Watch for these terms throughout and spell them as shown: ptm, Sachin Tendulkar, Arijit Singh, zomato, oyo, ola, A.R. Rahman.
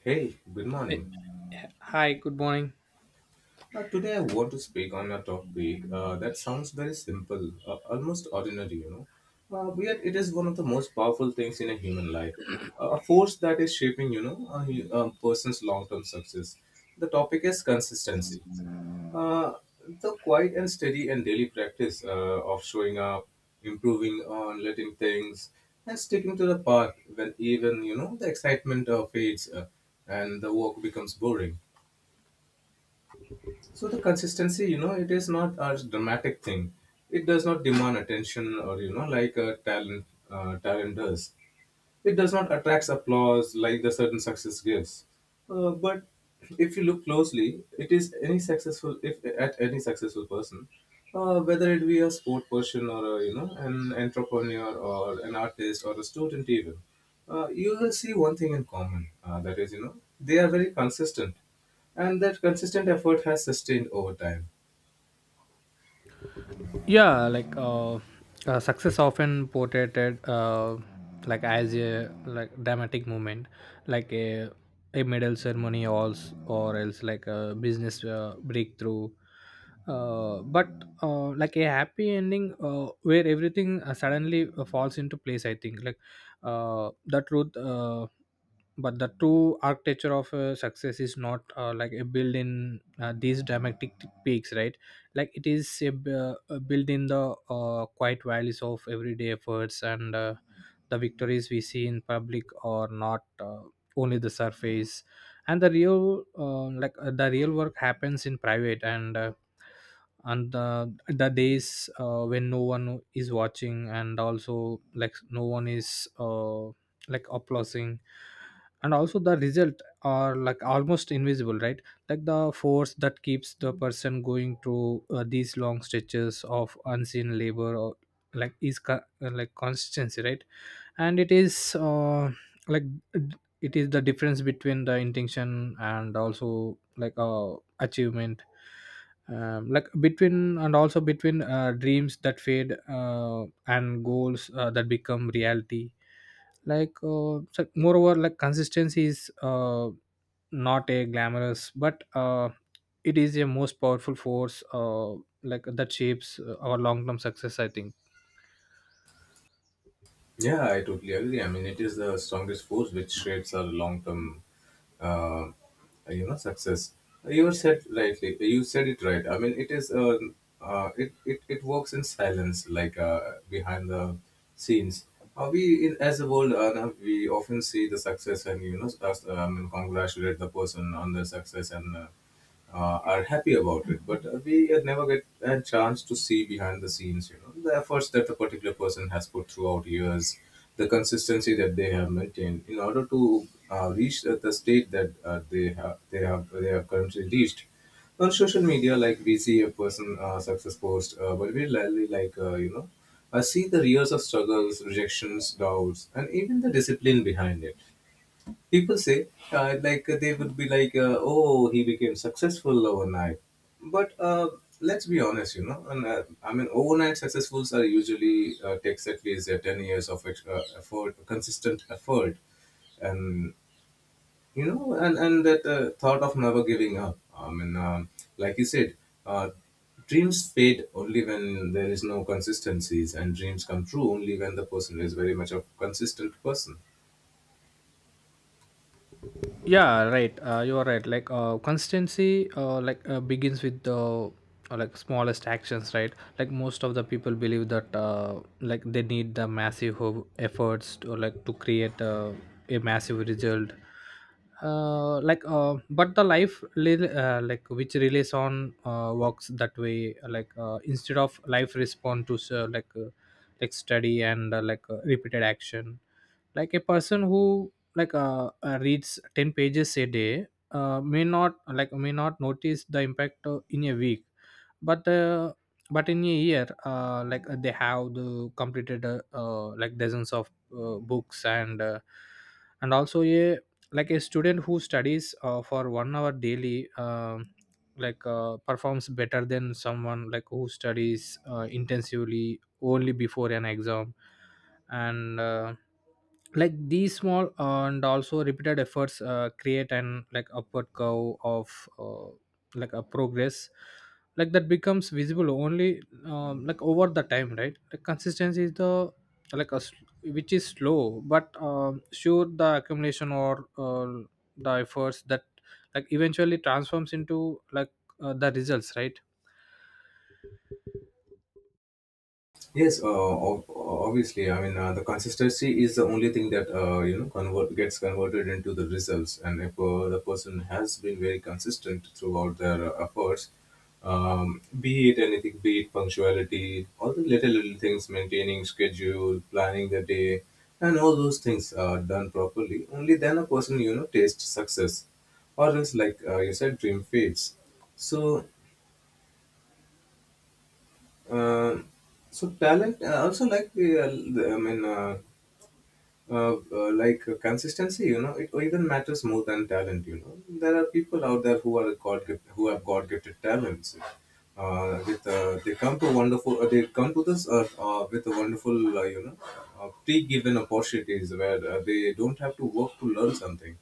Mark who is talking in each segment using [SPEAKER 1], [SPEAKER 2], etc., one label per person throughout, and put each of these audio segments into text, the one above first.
[SPEAKER 1] Hey, good
[SPEAKER 2] Eh,
[SPEAKER 1] morning.
[SPEAKER 2] Hi, good morning.
[SPEAKER 1] Today I want to speak on a topic that sounds very simple, almost ordinary, you know, but yet it is one of the most powerful things in a human life, a force that is shaping, you know, a person's long-term success. The topic is consistency. Uh, the quiet and steady and daily practice of showing up, improving on letting things, and sticking to the path when even, you know, the excitement fades and the work becomes boring. So the consistency, you know, it is not a dramatic thing. It does not demand attention or you know, like a talent does. It does not attract applause like the certain success gives. But if you look closely, it is any successful if at any successful person, whether it be a sport person or a, you know, an entrepreneur or an artist or a student even, you will see one thing in common. That is, you know, they are very consistent, and that consistent effort has sustained over time.
[SPEAKER 2] Yeah, like success often portrayed, uh, like as a like dramatic moment, like a medal ceremony, or or else like a business breakthrough. But like a happy ending where everything suddenly falls into place. I think like the truth. But the true architecture of success is not like a build in these dramatic peaks, right? Like it is built in the quiet values of everyday efforts, and the victories we see in public are not only the surface, and the real like the real work happens in private, and the days when no one is watching, and also like no one is like applauding, and also the result are like almost invisible, right? Like the force that keeps the person going through these long stretches of unseen labor, or like is like consistency, right? And it is like it is the difference between the intention, and also like achievement. Like between, and also between dreams that fade and goals that become reality. Like so moreover like consistency is not a glamorous, but it is a most powerful force, like that shapes our long-term success, I think.
[SPEAKER 1] Yeah, I totally agree. I mean, it is the strongest force which shapes our long-term uh, uh, you know, success. You said it right. I mean, it is it works in silence like uh, behind the scenes. As a world, we often see the success and you know congratulate the person on their success and are happy about it, but we never get a chance to see behind the scenes, you know, the efforts that a particular person has put throughout years, the consistency that they have maintained in order to reach the state that they have currently reached. On social media, like we see a person success post, but we rarely like, you know, see the years of struggles, rejections, doubts, and even the discipline behind it. People say, like, they would be like, oh, he became successful overnight. But let's be honest, you know, and, I mean, overnight successfuls are usually takes at least 10 years of effort, consistent effort. And, you know, and that thought of never giving up. I mean, like you said, uh, dreams fade only when there is no consistencies, and dreams come true only when the person is very much a consistent person.
[SPEAKER 2] Yeah, right, you are right. Like consistency, begins with the like smallest actions, right? Like most of the people believe that like they need the massive efforts to like to create a massive result. But the life like which relies on works that way, like instead of life respond to like study, and repeated action. Like a person who like reads 10 pages a day may not notice the impact in a week, but uh, but in a year, they have the completed like dozens of books, and also a like a student who studies for one hour daily, like performs better than someone like who studies intensively only before an exam. And like these small and also repeated efforts create an like upward curve of like a progress, like that becomes visible only, like over the time, right? Like consistency is the like which is slow but sure, the accumulation or the efforts that like eventually transforms into like the results, right?
[SPEAKER 1] Yes, ob- obviously. I mean, the consistency is the only thing that, you know, convert gets converted into the results. And if the person has been very consistent throughout their efforts, be it anything, be it punctuality, all the little things, maintaining schedule, planning the day, and all those things are done properly. Only then a person, you know, tastes success, or else like, you said, dream fades. So uh, so talent also like the I mean like consistency, you know, it even matters more than talent. You know, there are people out there who are god gift, who have god gifted talents, with they come to wonderful they come to this earth with a wonderful, you know, pre-given opportunities where they don't have to work to learn something.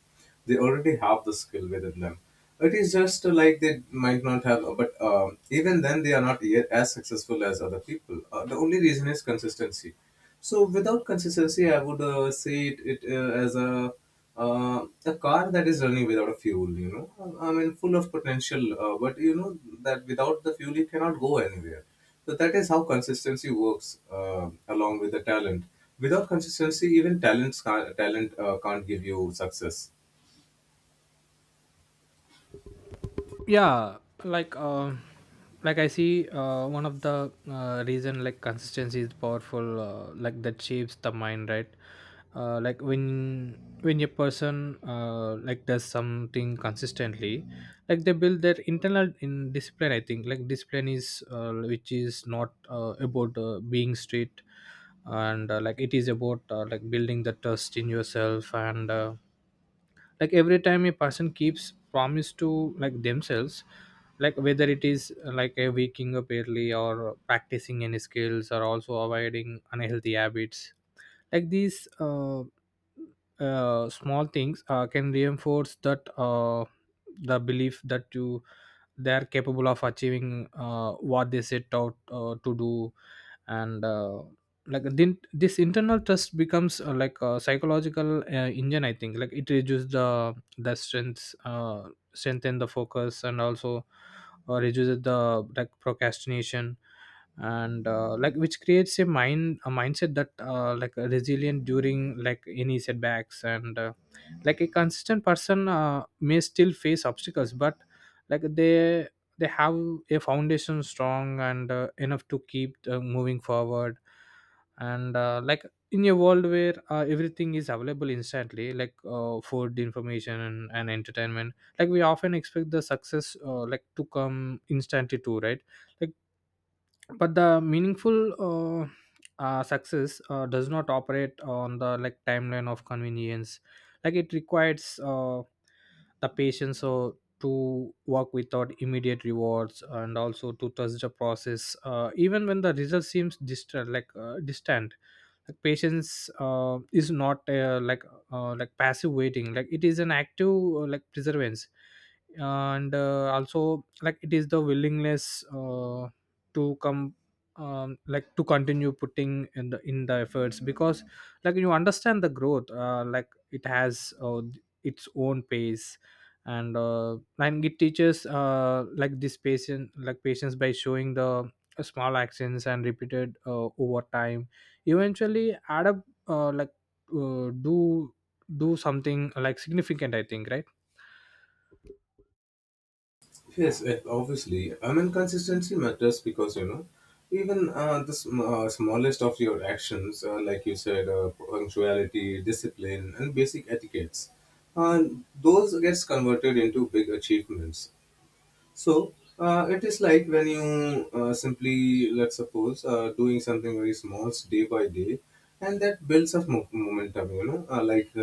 [SPEAKER 1] They already have the skill within them. It is just, like, they might not have, but even then they are not yet as successful as other people. Uh, the only reason is consistency. So without consistency, I would see it it as a, a car that is running without a fuel. You know, I mean, full of potential, but you know, that without the fuel, it cannot go anywhere. So that is how consistency works, along with the talent. Without consistency, even talent can't give you success.
[SPEAKER 2] Yeah, like uh, like I see one of the reason like consistency is powerful, like that shapes the mind, right? Like when a person like does something consistently, like they build their internal in discipline, I think. Like discipline is which is not about being strict, and like it is about like building the trust in yourself, and like every time a person keeps promise to like themselves, like whether it is like a waking up early, or practicing any skills, or also avoiding unhealthy habits. Like these small things can reinforce that the belief that you they are capable of achieving what they set out to do. And like then this internal trust becomes like a psychological engine, I think. Like it reduces the strengths strengthen the focus, and also reduces the like procrastination, and like which creates a mindset that like resilient during like any setbacks, and like a consistent person may still face obstacles, but like they have a foundation strong and enough to keep moving forward. And like in a world where everything is available instantly, like food, information, and entertainment, like we often expect the success like to come instantly too, right? Like but the meaningful success does not operate on the like timeline of convenience. Like it requires the patience so to work without immediate rewards, and also to trust the process even when the result seems distant, like distant. Like patience is not like passive waiting, like it is an active like perseverance, and also like it is the willingness to come, like to continue putting in the efforts, because like you understand the growth, like it has its own pace. And and it teaches like this patient like patience by showing the small actions and repeated over time eventually add up uh, like uh, do do something like significant, I think, right?
[SPEAKER 1] Yes, eh, obviously. I mean, consistency matters because, you know, even smallest of your actions, like you said, punctuality, discipline, and basic etiquettes, uh, those gets converted into big achievements. So it is like when you simply, let's suppose, doing something very small day by day, and that builds up momentum, you know, like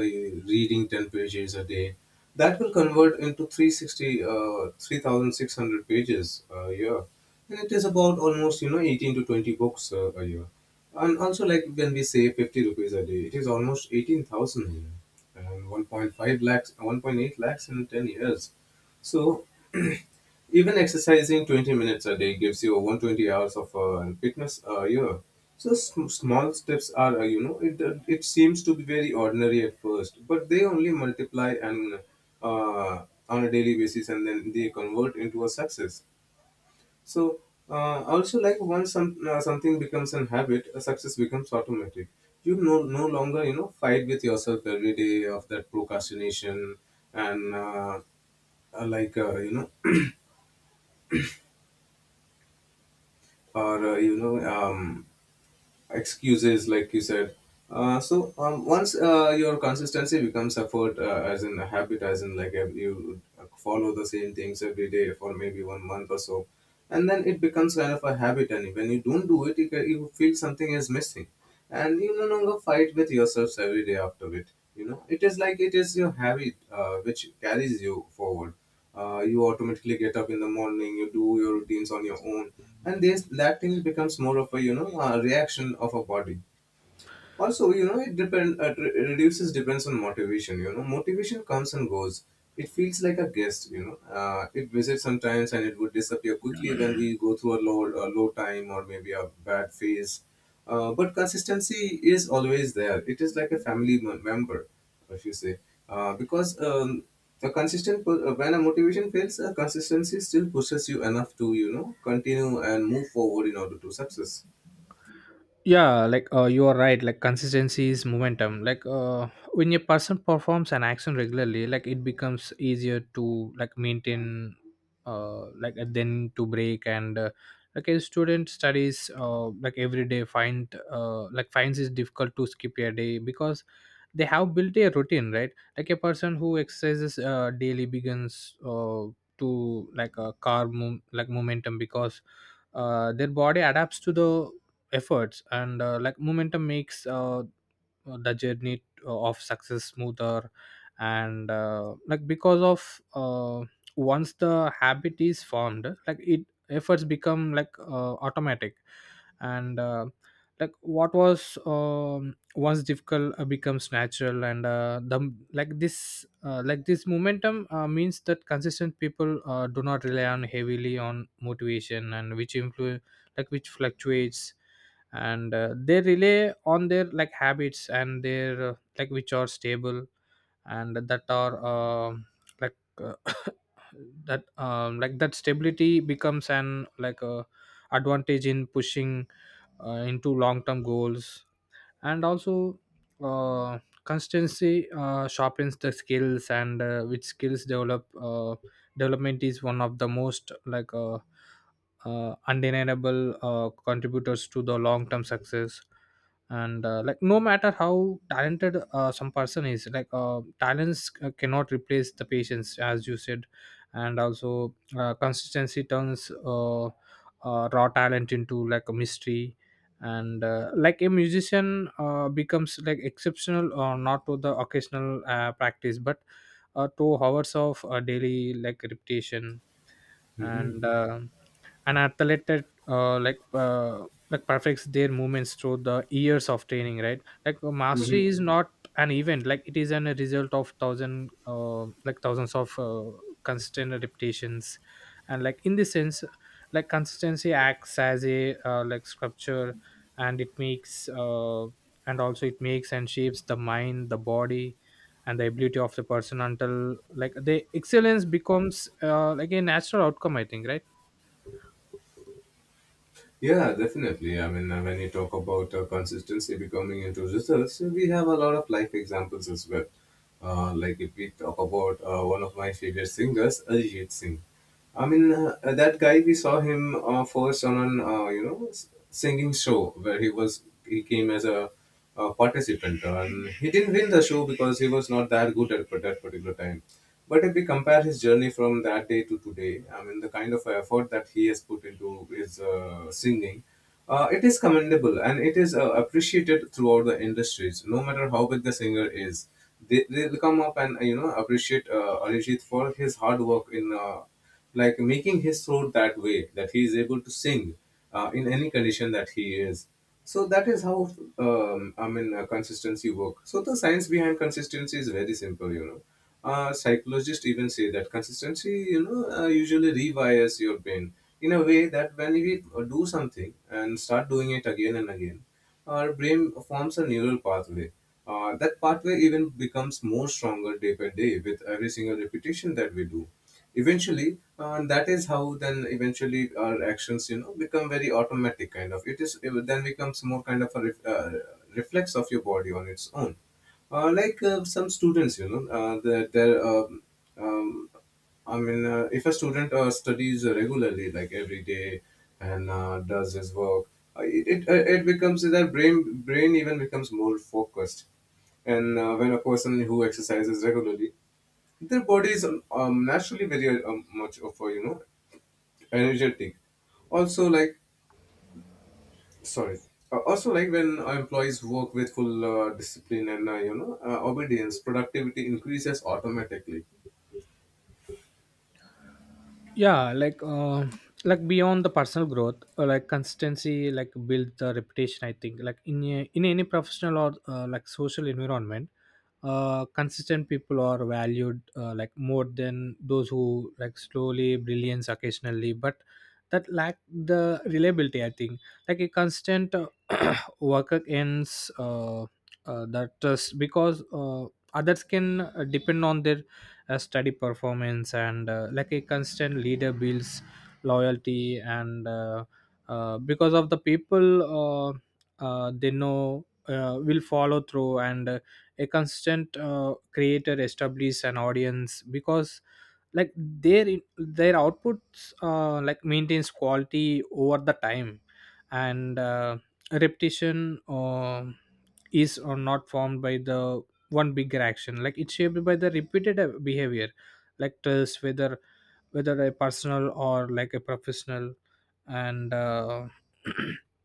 [SPEAKER 1] reading 10 pages a day. That will convert into 3,600 pages a year. And it is about almost, you know, 18 to 20 books a year. And also, like when we say 50 rupees a day, it is almost 18,000 a year and 1.5 lakhs, 1.8 lakhs in 10 years. So even exercising 20 minutes a day gives you 120 hours of fitness a year. So small steps are, you know, it, it seems to be very ordinary at first, but they only multiply and, on a daily basis, and then they convert into a success. So also, like once some, something becomes an habit, a success becomes automatic. You no longer, you know, fight with yourself every day of that procrastination and, like, you know, or, you know, excuses, like you said. Uh, so, once your consistency becomes effort as in a habit, as in like, you follow the same things every day for maybe 1 month or so, and then it becomes kind of a habit, and when you don't do it, you you feel something is missing, and you no longer fight with yourselves every day after it. You know, it is like it is your habit which carries you forward. Uh, you automatically get up in the morning, you do your routines on your own, and this that thing becomes more of a, you know, a reaction of a body. Also, you know, reduces depends on motivation. You know, motivation comes and goes. It feels like a guest, you know, it visits sometimes and it would disappear quickly when we go through a low time or maybe a bad phase. Uh, but consistency is always there. It is like a family member, if you say. Uh, because, when a motivation fails, a consistency still pushes you enough to, you know, continue and move forward in order to success.
[SPEAKER 2] Yeah, like you are right, like consistency is momentum, like when a person performs an action regularly, like it becomes easier to like maintain then to break. And like a student studies like every day, finds it difficult to skip a day, because they have built a routine, right? Like a person who exercises daily begins to like a car move like momentum, because their body adapts to the efforts, and like momentum makes the journey of success smoother. And like because of once the habit is formed, like it efforts become like automatic. And like what was, once difficult becomes natural. And the like this momentum means that consistent people do not rely on heavily on motivation, and which influ like which fluctuates, and they rely on their like habits, and their like which are stable, and that are, like that like that stability becomes an like a advantage in pushing into long term goals. And also uh, consistency sharpens the skills, and which skills develop development is one of the most like undeniable contributors to the long term success. And like no matter how talented some person is, like talents cannot replace the patience, as you said. And also consistency turns raw talent into like a mystery. And like a musician becomes like exceptional or not to the occasional practice, but to hours of daily like repetition.
[SPEAKER 1] Mhm.
[SPEAKER 2] And an athlete that like perfects their movements through the years of training, right? Like mastery is not an event, like it is a result of thousands of consistent repetitions. And like in this sense, like consistency acts as a like sculpture, and it makes and also it makes and shapes the mind, the body, and the ability of the person, until like the excellence becomes like a natural outcome, I think, right?
[SPEAKER 1] Yeah, definitely. I mean, when you talk about consistency becoming into results, we have a lot of life examples as well. Like if we talk about one of my favorite singers, Arijit Singh. I mean, that guy, we saw him first on an, you know, singing show where he came as a participant. And he didn't win the show because he was not that good at that particular time. But if we compare his journey from that day to today, I mean, the kind of effort that he has put into his singing, it is commendable and it is appreciated throughout the industries. No matter how big the singer is, they will come up and, you know, appreciate Arijit for his hard work in, like making his throat that way that he is able to sing in any condition that he is. So that is how, I mean, consistency work. So the science behind consistency is very simple, you know. Psychologists even say that consistency, you know, usually rewires your brain in a way that when we do something and start doing it again and again, our brain forms a neural pathway. That pathway even becomes more stronger day by day with every single repetition that we do. Eventually, that is how, then, eventually our actions, you know, become very automatic kind of. It is, it then becomes more kind of a reflex of your body on its own. Uh, like some students, you know, um, um, I mean, if a student studies regularly, like every day, and does his work, it it, it becomes their brain brain even becomes more focused. And when a person who exercises regularly, their body is, naturally very, much of a, you know, energetic. Also, like, sorry. Also, like when our employees work with full discipline and, you know, obedience, productivity increases automatically.
[SPEAKER 2] Yeah, like beyond the personal growth, like consistency like build the reputation, I think. Like in any professional or like social environment, consistent people are valued like more than those who like slowly brilliance occasionally, but that lack the reliability, I think. Like a constant worker ends that just because others can depend on their study performance, and like a constant leader builds loyalty, and because of the people uh, they know will follow through, and a constant creator establish an audience, because like their outputs like maintains quality over the time. And repetition is or not formed by the one bigger action, like it's shaped by the repeated behavior. Like trust, whether a personal or like a professional. And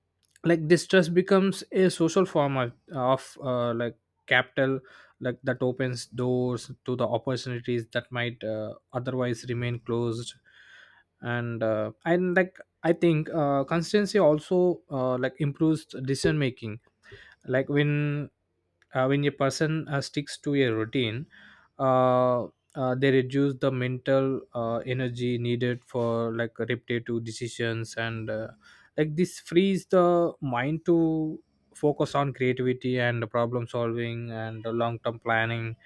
[SPEAKER 2] like distress becomes a social form of like capital, like that opens doors to the opportunities that might otherwise remain closed. And and like I think consistency also like improves decision making. Like when a person sticks to a routine, uh, they reduce the mental energy needed for like repetitive decisions, and like this frees the mind to focus on creativity, and problem solving, and long term planning.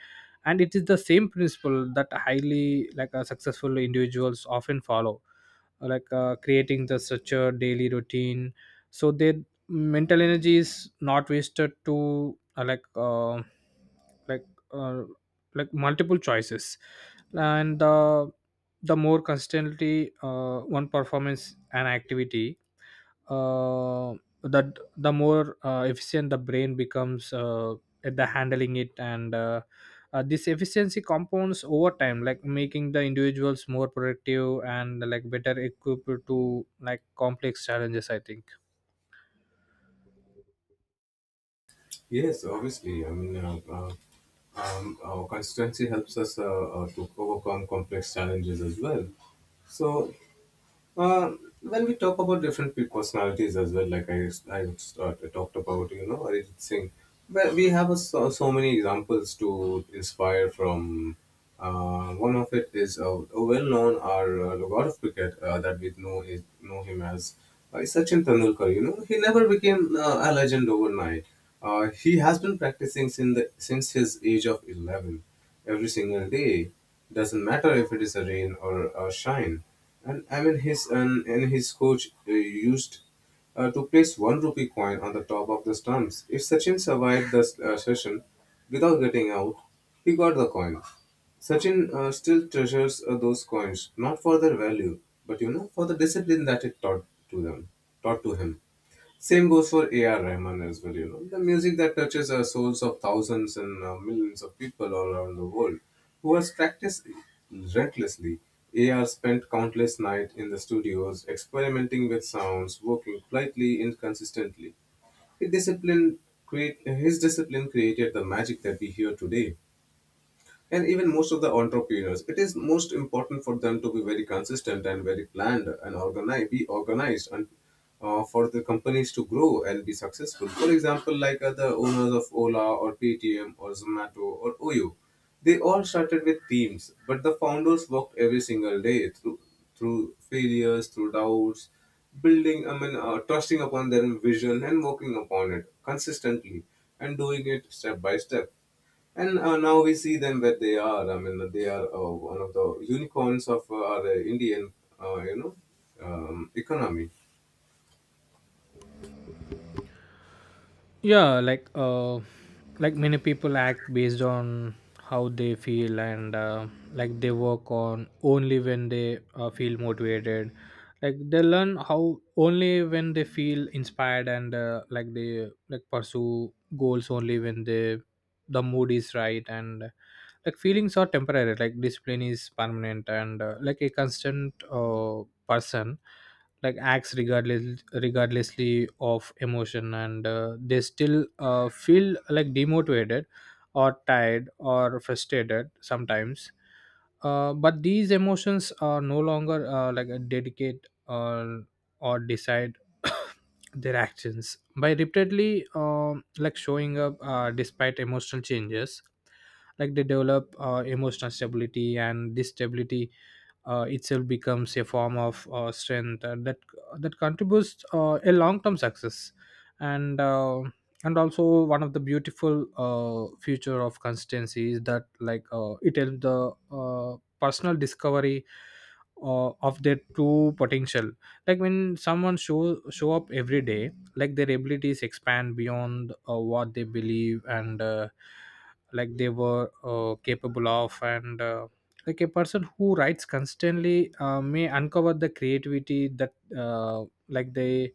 [SPEAKER 2] And it is the same principle that highly like successful individuals often follow, like creating the structured daily routine, so their mental energy is not wasted to like uh, like multiple choices. And the more consistently one performance an activity, uh, that the more efficient the brain becomes at the handling it, and this efficiency compounds over time, like making the individuals more productive, and like better equipped to like complex challenges I think
[SPEAKER 1] Yes, obviously. I mean, our consistency helps us to overcome complex challenges as well. So, Uh, when we talk about different personalities as well, like I talked about, you know, Arijit Singh, well, we have a, so many examples to inspire from. One of it is a well-known or the god of cricket that we know him as Sachin Tendulkar. You know, he never became a legend overnight. He has been practicing since since his age of 11, every single day. Doesn't matter if it is a rain or a shine, and I mean, his and his coach used to place one rupee coin on the top of the stumps. If Sachin survived the session without getting out, he got the coin. Sachin still treasures those coins, not for their value, but for the discipline that it taught to them, taught to him. Same goes for A.R. Rahman as well, you know. The music that touches the souls of thousands and millions of people all around the world, who has practiced recklessly. A.R. spent countless nights in the studios experimenting with sounds, working quietly, inconsistently. His discipline created the magic that we hear today. And even most of the entrepreneurs, it is most important for them to be very consistent and very planned and organized and for the companies to grow and be successful. For example, like the owners of ola or ptm or zomato or oyo, they all started with teams, but the founders worked every single day through failures, through doubts, building, trusting upon their vision and working upon it consistently and doing it step by step. And now we see them where they are. I mean, they are one of the unicorns of our Indian, uh, you know, economy.
[SPEAKER 2] Yeah, like like many people act based on how they feel, and like they work on only when they feel motivated, like they learn how only when they feel inspired, and like they like pursue goals only when the mood is right, and like feelings are temporary, like discipline is permanent, and like a constant person like acts regardlessly of emotion, and they still feel like demotivated or tired or frustrated sometimes. But these emotions are no longer like a dedicate or decide their actions. By repeatedly like showing up despite emotional changes, like they develop emotional stability, and this stability itself becomes a form of strength that contributes a long-term success. And uh, and also, one of the beautiful future of consistency is that it helps the personal discovery of their true potential. Like when someone show up every day, like their abilities expand beyond what they believe and like they were capable of. And Like a person who writes constantly may uncover the creativity that like they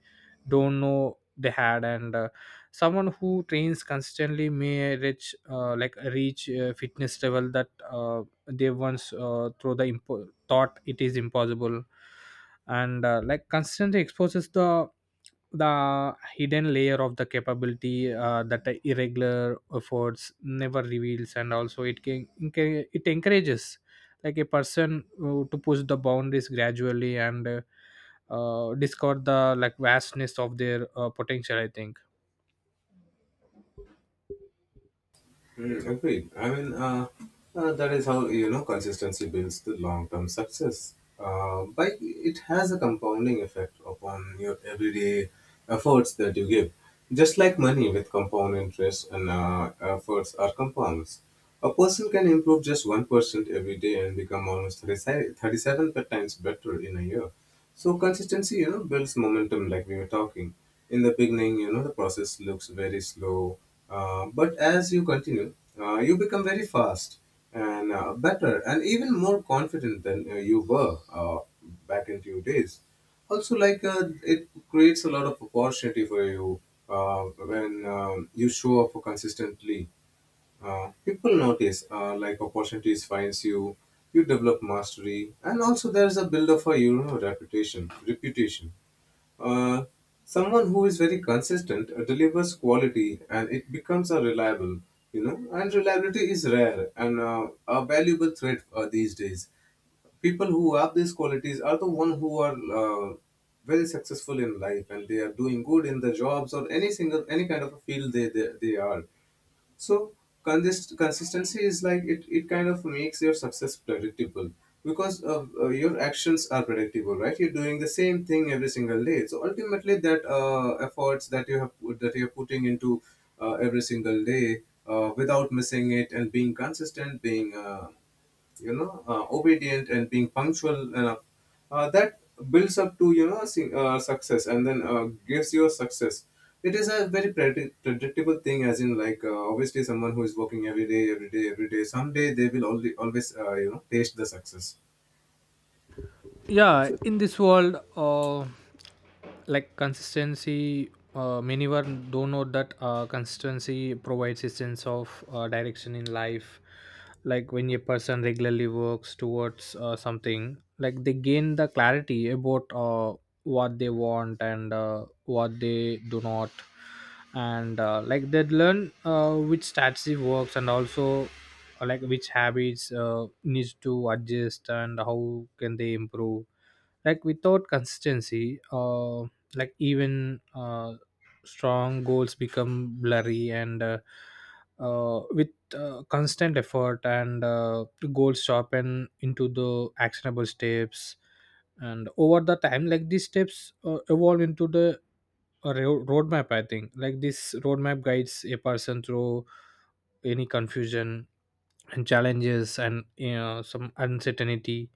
[SPEAKER 2] don't know they had, and someone who trains constantly may reach fitness level that they once thought it is impossible, and like constantly exposes the hidden layer of the capability that the irregular efforts never reveals. And also it can, it encourages like to push the boundaries gradually, and discover the like vastness of their potential, I think.
[SPEAKER 1] Mm, agreed. I mean, that is how, you know, consistency builds the long-term success. But it has a compounding effect upon your everyday efforts that you give. Just like money with compound interest, and efforts are compounds. A person can improve just 1% every day and become almost 37% times better in a year. So consistency, you know, builds momentum like we were talking. In the beginning, you know, the process looks very slow, but as you continue, you become very fast and better and even more confident than you were back in few days. Also, it creates a lot of opportunity for you uh, when you show up consistently. Uh, people notice, like opportunities finds you. You develop mastery, and also there's a build of, a you know, reputation. Uh, someone who is very consistent delivers quality and it becomes a reliable, you know. And reliability is rare and a valuable threat these days. People who have these qualities are the one who are very successful in life, and they are doing good in the jobs or any single any kind of a field they are. So consistency is like, it kind of makes your success predictable, because your actions are predictable, right? You're doing the same thing every single day. So ultimately, that efforts that you have put, that you're putting into every single day without missing it and being consistent, being obedient and being punctual enough, that builds up to, you know, success, and then gives you a success. It is a very predictable thing, as in like, obviously someone who is working every day, someday they will only always taste the success.
[SPEAKER 2] Yeah, in this world, like consistency, many were don't know that consistency provides a sense of direction in life. Like when a person regularly works towards something, like they gain the clarity about what they want and what they do not, and like they learn which strategy works, and also like which habits needs to adjust and how can they improve. Like without consistency, like even strong goals become blurry, and with constant effort, and the goals sharpen into the actionable steps, and over the time like these steps evolve into the roadmap, I think. Like this roadmap guides a person through any confusion and challenges and, you know, some uncertainty.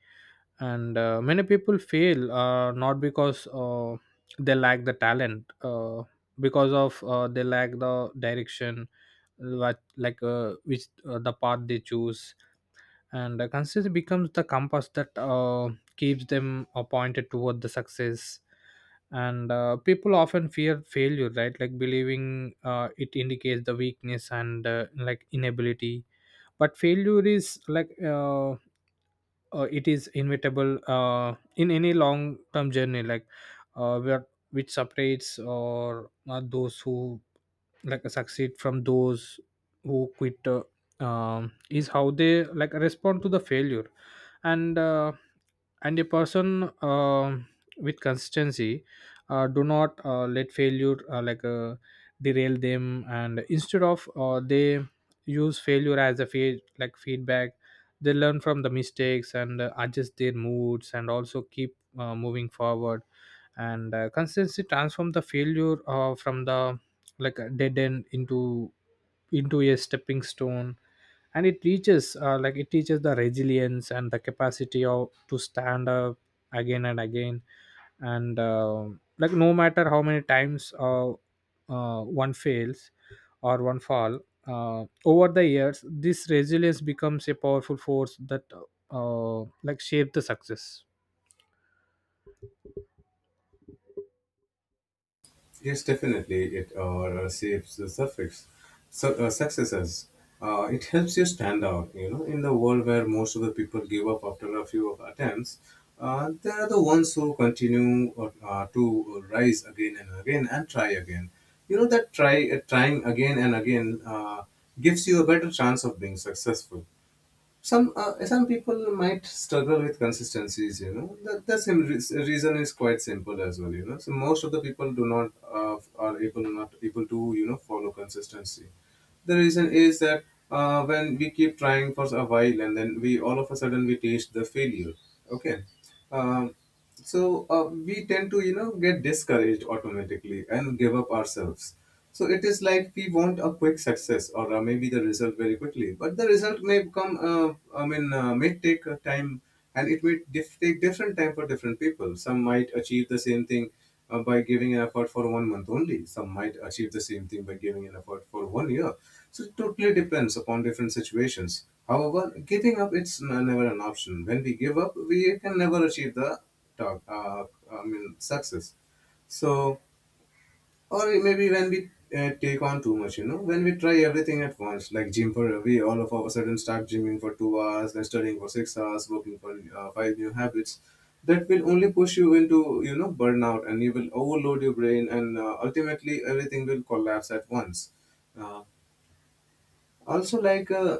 [SPEAKER 2] And many people fail not because they lack the talent, because of they lack the direction. Like which the path they choose, and consistency becomes the compass that keeps them pointed toward the success. And people often fear failure, right, like believing it indicates the weakness and like inability. But failure is like it is inevitable in any long term journey. Where, which separates or those who like succeed from those who quit, is how they like respond to the failure. And uh, and a person with consistency do not let failure derail them, and instead of they use failure as a feedback. They learn from the mistakes and adjust their moods and also keep moving forward. And consistency transform the failure from the like a dead end into a stepping stone, and it teaches like it teaches the resilience and the capacity of to stand up again and again, and like no matter how many times one fails or one fall, over the years this resilience becomes a powerful force that uh, like shape the success.
[SPEAKER 1] Yes, definitely. It saves the successes. It helps you stand out. You know, in the world where most of the people give up after a few attempts, they are the ones who continue to rise again and again and try again. You know that trying again and again gives you a better chance of being successful. Some, some people might struggle with consistencies, you know. The same reason is quite simple as well, you know. So most of the people do not are able not able to, you know, follow consistency. The reason is that when we keep trying for a while, and then we all of a sudden we taste the failure. Okay. Um, so uh, we tend to, you know, get discouraged automatically and give up ourselves. So it is like we want a quick success, or maybe the result very quickly, but the result may come, may take time, and it may take different time for different people. Some might achieve the same thing by giving an effort for one month only. Some might achieve the same thing by giving an effort for one year. So it totally depends upon different situations. However, giving up, never an option. When we give up, we can never achieve the talk, uh, success. So, or maybe when we take on too much, you know, when we try everything at once, like gym for we all of a sudden start gymming for 2 hours, then studying for 6 hours, working for five new habits, that will only push you into, you know, burnout, and you will overload your brain, and ultimately everything will collapse at once. Uh, also like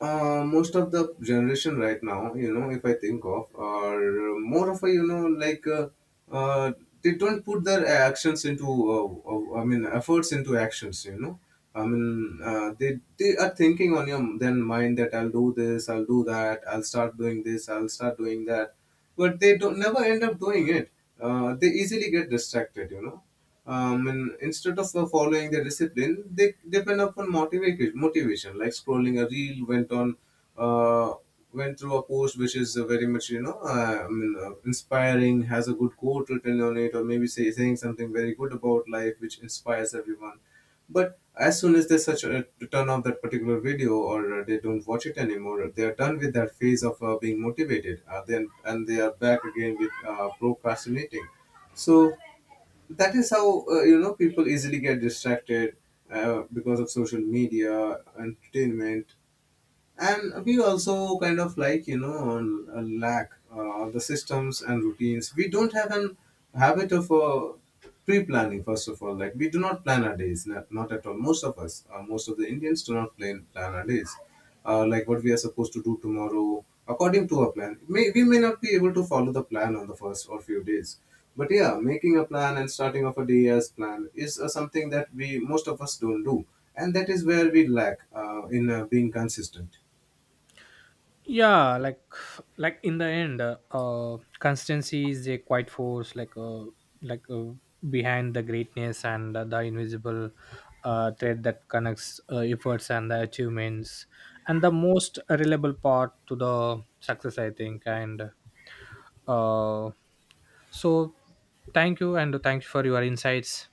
[SPEAKER 1] Most of the generation right now, you know, if I think of, are more of a, you know, uh, they don't put their actions into, uh, efforts into actions, you know. They are thinking on your then mind that I'll do this, I'll do that, I'll start doing this, I'll start doing that, but they don't never end up doing it. Uh, they easily get distracted, you know. And instead of following the discipline, they depend upon motivation. Motivation, like scrolling a reel, went on, uh, went through a post which is very much, inspiring, has a good quote written on it, or maybe saying something very good about life, which inspires everyone. But as soon as they such a turn off that particular video, or they don't watch it anymore, they are done with that phase of being motivated. Then and they are back again with procrastinating. So that is how, people easily get distracted because of social media entertainment. And we also kind of like, you know, lack the systems and routines. We don't have an habit of pre-planning. First of all, like, we do not plan our days, not at all. Most of us, most of the indians do not plan our days, like what we are supposed to do tomorrow according to our plan. We may not be able to follow the plan on the first or few days, but yeah, making a plan and starting off a day as planned is something that we most of us don't do. And that is where we lack in being consistent.
[SPEAKER 2] Yeah, like in the end, constancy is a quiet force, like behind the greatness, and the invisible thread that connects efforts and the achievements, and the most reliable part to the success, I think. And uh so thank you, and thanks for your insights.